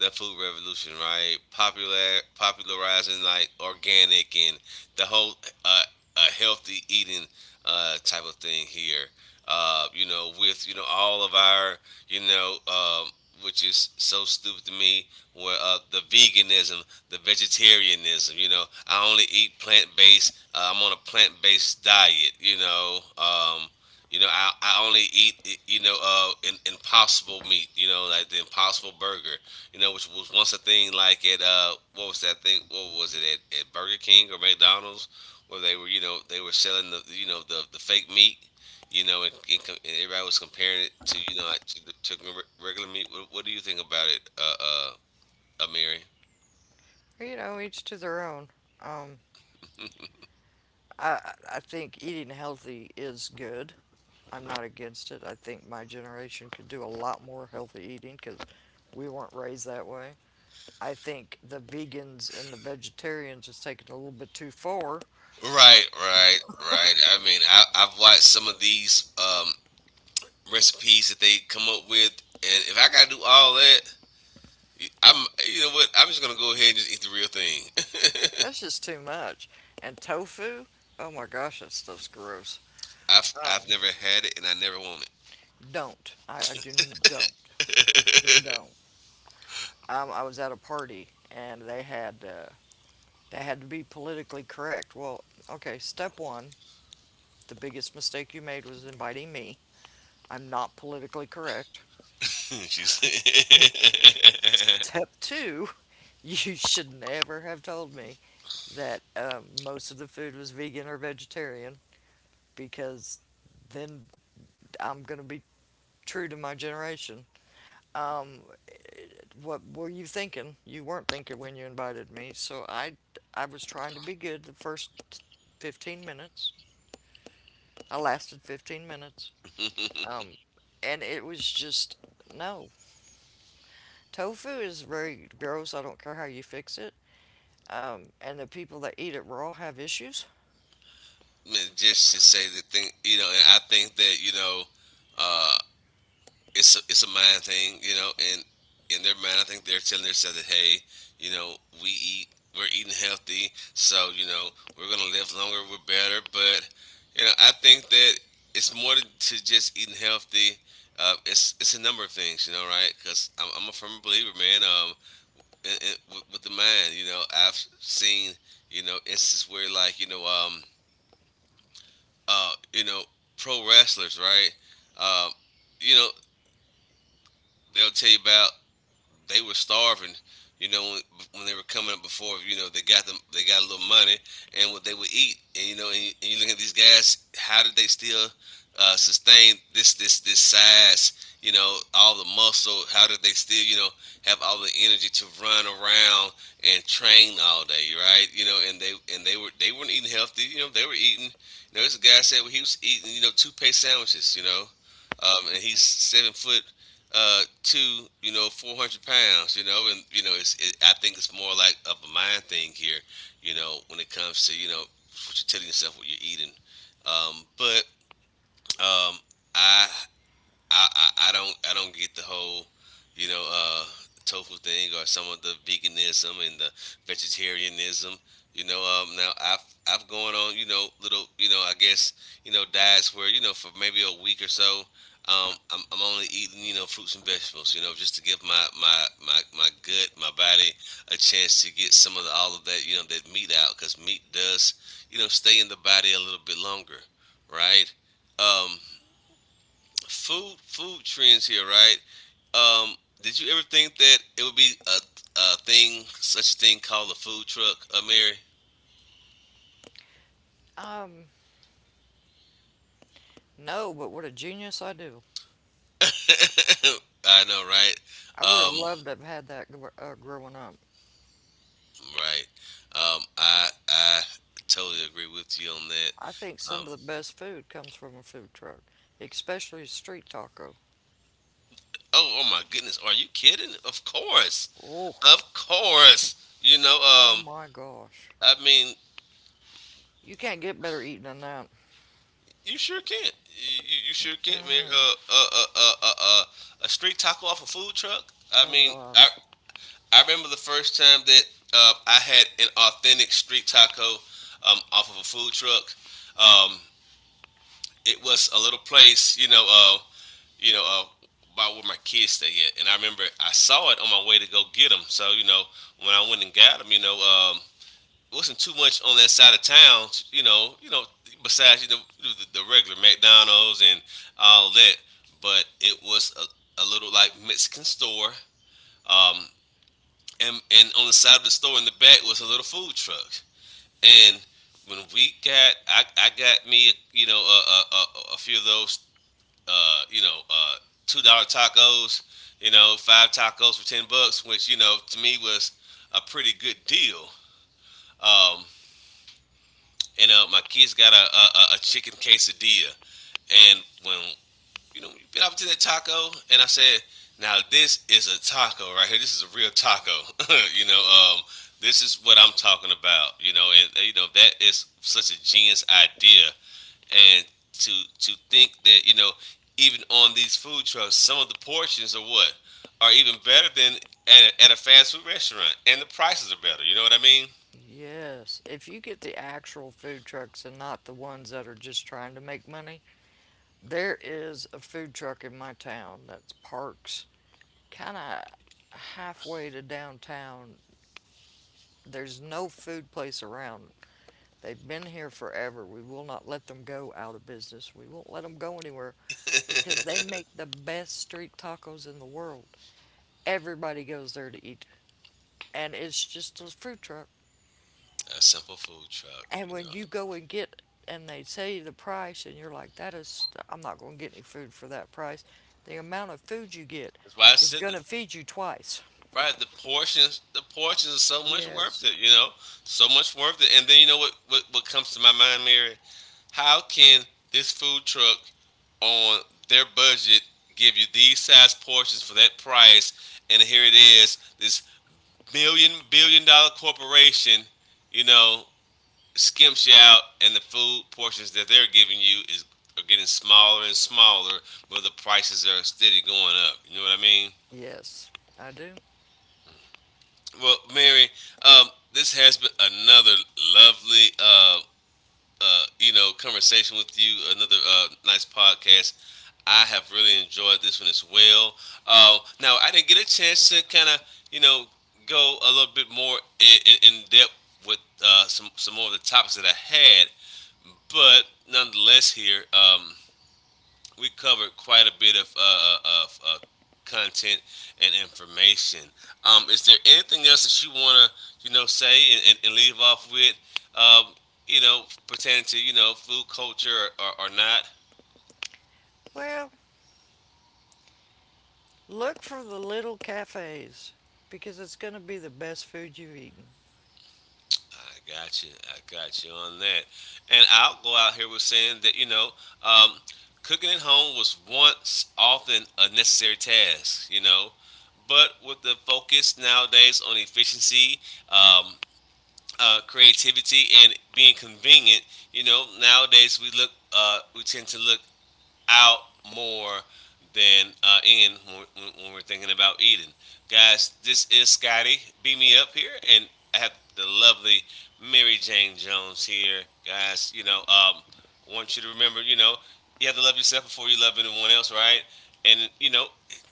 A: the food revolution, right? Popularizing like organic and the whole uh, healthy eating type of thing here. With all of our you know. Um, which is so stupid to me, where the veganism, the vegetarianism, I only eat plant based. I'm on a plant based diet. I only eat impossible meat. Like the Impossible Burger. Which was once a thing, like at what was that thing? What was it at Burger King or McDonald's, where they were selling the the fake meat. And everybody was comparing it to like to, to regular meat. What do you think about it, Amiri?
B: You know, each to their own. Um, I think eating healthy is good. I'm not against it. I think my generation could do a lot more healthy eating because we weren't raised that way. I think the vegans and the vegetarians is taking a little bit too far.
A: Right, right, right. I mean, I've watched some of these recipes that they come up with, and if I gotta do all that, I'm, you know what? I'm just gonna go ahead and just eat the real thing. *laughs*
B: That's just too much. And tofu, oh my gosh, that stuff's gross.
A: I've
B: Um,
A: I've never had it and I never want it. *laughs*
B: don't. I don't. Just don't. I was at a party and they had to be politically correct. Well, okay. Step one, the biggest mistake you made was inviting me. I'm not politically correct.
A: She said—
B: Step two, *laughs* you should never have told me that most of the food was vegan or vegetarian. Because then I'm going to be true to my generation. Um, what were you thinking? You weren't thinking when you invited me, I was trying to be good the first 15 minutes. I lasted 15 minutes.
A: *laughs* Man,
B: Um, and it was just no. Tofu is very gross. I don't care how you fix it. And the people that eat it raw have issues.
A: just to say the thing, and I think that uh, it's a mind thing, and in their mind, I think they're telling themselves that hey, you know, we eat, we're eating healthy, so we're gonna live longer, we're better. But I think that it's more than to just eating healthy. It's a number of things, you know, right? Because I'm a firm believer, man. With the mind, you know, I've seen instances where, like, uh, you know, pro wrestlers, right? Um, you know, they'll tell you about they were starving. You know, when they were coming up before, they got a little money and what they would eat. And you look at these guys, how did they still sustain this size? All the muscle. How did they still, have all the energy to run around and train all day, right? You know, and they were They weren't eating healthy. They were eating. This guy said, well, he was eating, two pay sandwiches. And he's 7 foot to 400 pounds, and I think it's more like of a mind thing here. When it comes to what you're telling yourself, what you're eating, but um, i I don't get the whole you know uh, tofu thing, or some of the veganism and the vegetarianism. Now I've gone on little, I guess diets where, for maybe a week or so. I'm only eating, fruits and vegetables, just to give my gut, my body a chance to get all of that, that meat out, because meat does, stay in the body a little bit longer, right? Um, food trends here, right? Um, did you ever think that it would be a thing, such a thing called a food truck, Mary?
B: Um, no, but what a genius I do.
A: *laughs* I know, right?
B: I would have
A: Um,
B: loved to have had growing up.
A: right. I totally agree with you on that.
B: I think some
A: Um,
B: of the best food comes from a food truck, especially street taco.
A: oh, oh my goodness, are you kidding? Of course,
B: Oh,
A: of course.
B: oh my gosh.
A: I mean,
B: You can't get better eating than that.
A: you sure can't. You sure can't, Mary. A street taco off a food truck. I
B: Oh
A: mean, I,
B: gosh.
A: I remember the first time that I had an authentic street taco off of a food truck. Um, it was a little place, you know, uh, about where my kids stay at, and I remember I saw it on my way to go get them. So when I went and got them, it wasn't too much on that side of town, besides the regular McDonald's and all that, but it was a little like Mexican store. Um, and on the side of the store in the back was a little food truck. And I got me, few of those, uh, you know, uh, $2 tacos, five tacos for $10, which to me was a pretty good deal. Um, and my kids got a chicken quesadilla, and when, you been up to that taco, and I said, now this is a taco right here. This is a real taco. *laughs* you know, um, this is what I'm talking about. You know that is such a genius idea, and to to think that, even on these food trucks, some of the portions are what are even better than at a fast food restaurant, and the prices are better. You know what I mean?
B: Yes. If you get the actual food trucks and not the ones that are just trying to make money, there is a food truck in my town that's parks kind of halfway to downtown. There's no food place around. They've been here forever. We will not let them go out of business. We won't let them go anywhere because they make the best street tacos in the world. Everybody goes there to eat, and it's just a food truck.
A: A simple food truck.
B: And
A: You
B: when
A: know,
B: you go and get, and they say the price, and you're like, that is, I'm not going to get any food for that price. The amount of food you get
A: that's why I
B: is
A: said
B: going
A: the—
B: to feed you twice.
A: Right, the portions are so much worth
B: Yes,
A: it, you know, so much worth it. And then, you know, what comes to my mind, Mary? How can this food truck, on their budget, give you these size portions for that price? And here it is, this million billion dollar corporation, you know, skimps you out, and the food portions that they're giving you is are getting smaller and smaller, but the prices are steady going up. You know what I mean?
B: yes, I do.
A: Well, Mary, um, this has been another lovely, conversation with you. Another nice podcast. I have really enjoyed this one as well. Now, I didn't get a chance to kind of, you know, go a little bit more in depth with some more of the topics that I had, but nonetheless, here. We covered quite a bit of content and information. Is there anything else that you want to, say and leave off with? Um, pertaining to, food culture, or not.
B: Well, look for the little cafes because it's going to be the best food you've eaten.
A: I got you. I got you on that. And I'll go out here with saying that. Um, cooking at home was once often a necessary task, but with the focus nowadays on efficiency, um, creativity and being convenient. Nowadays we look, we tend to look out more than in, we're thinking about eating. Guys, this is Scotty. Beam me up here, and I have the lovely Mary Jane Jones here. Guys, I want you to remember, you have to love yourself before you love anyone else, right? And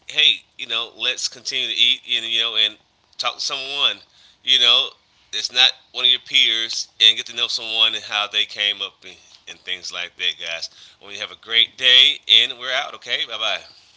A: hey, let's continue to eat, and talk to someone, you know, it's not one of your peers, and get to know someone and how they came up, and things like that, guys. I want you to have a great day, and we're out, okay? Bye bye.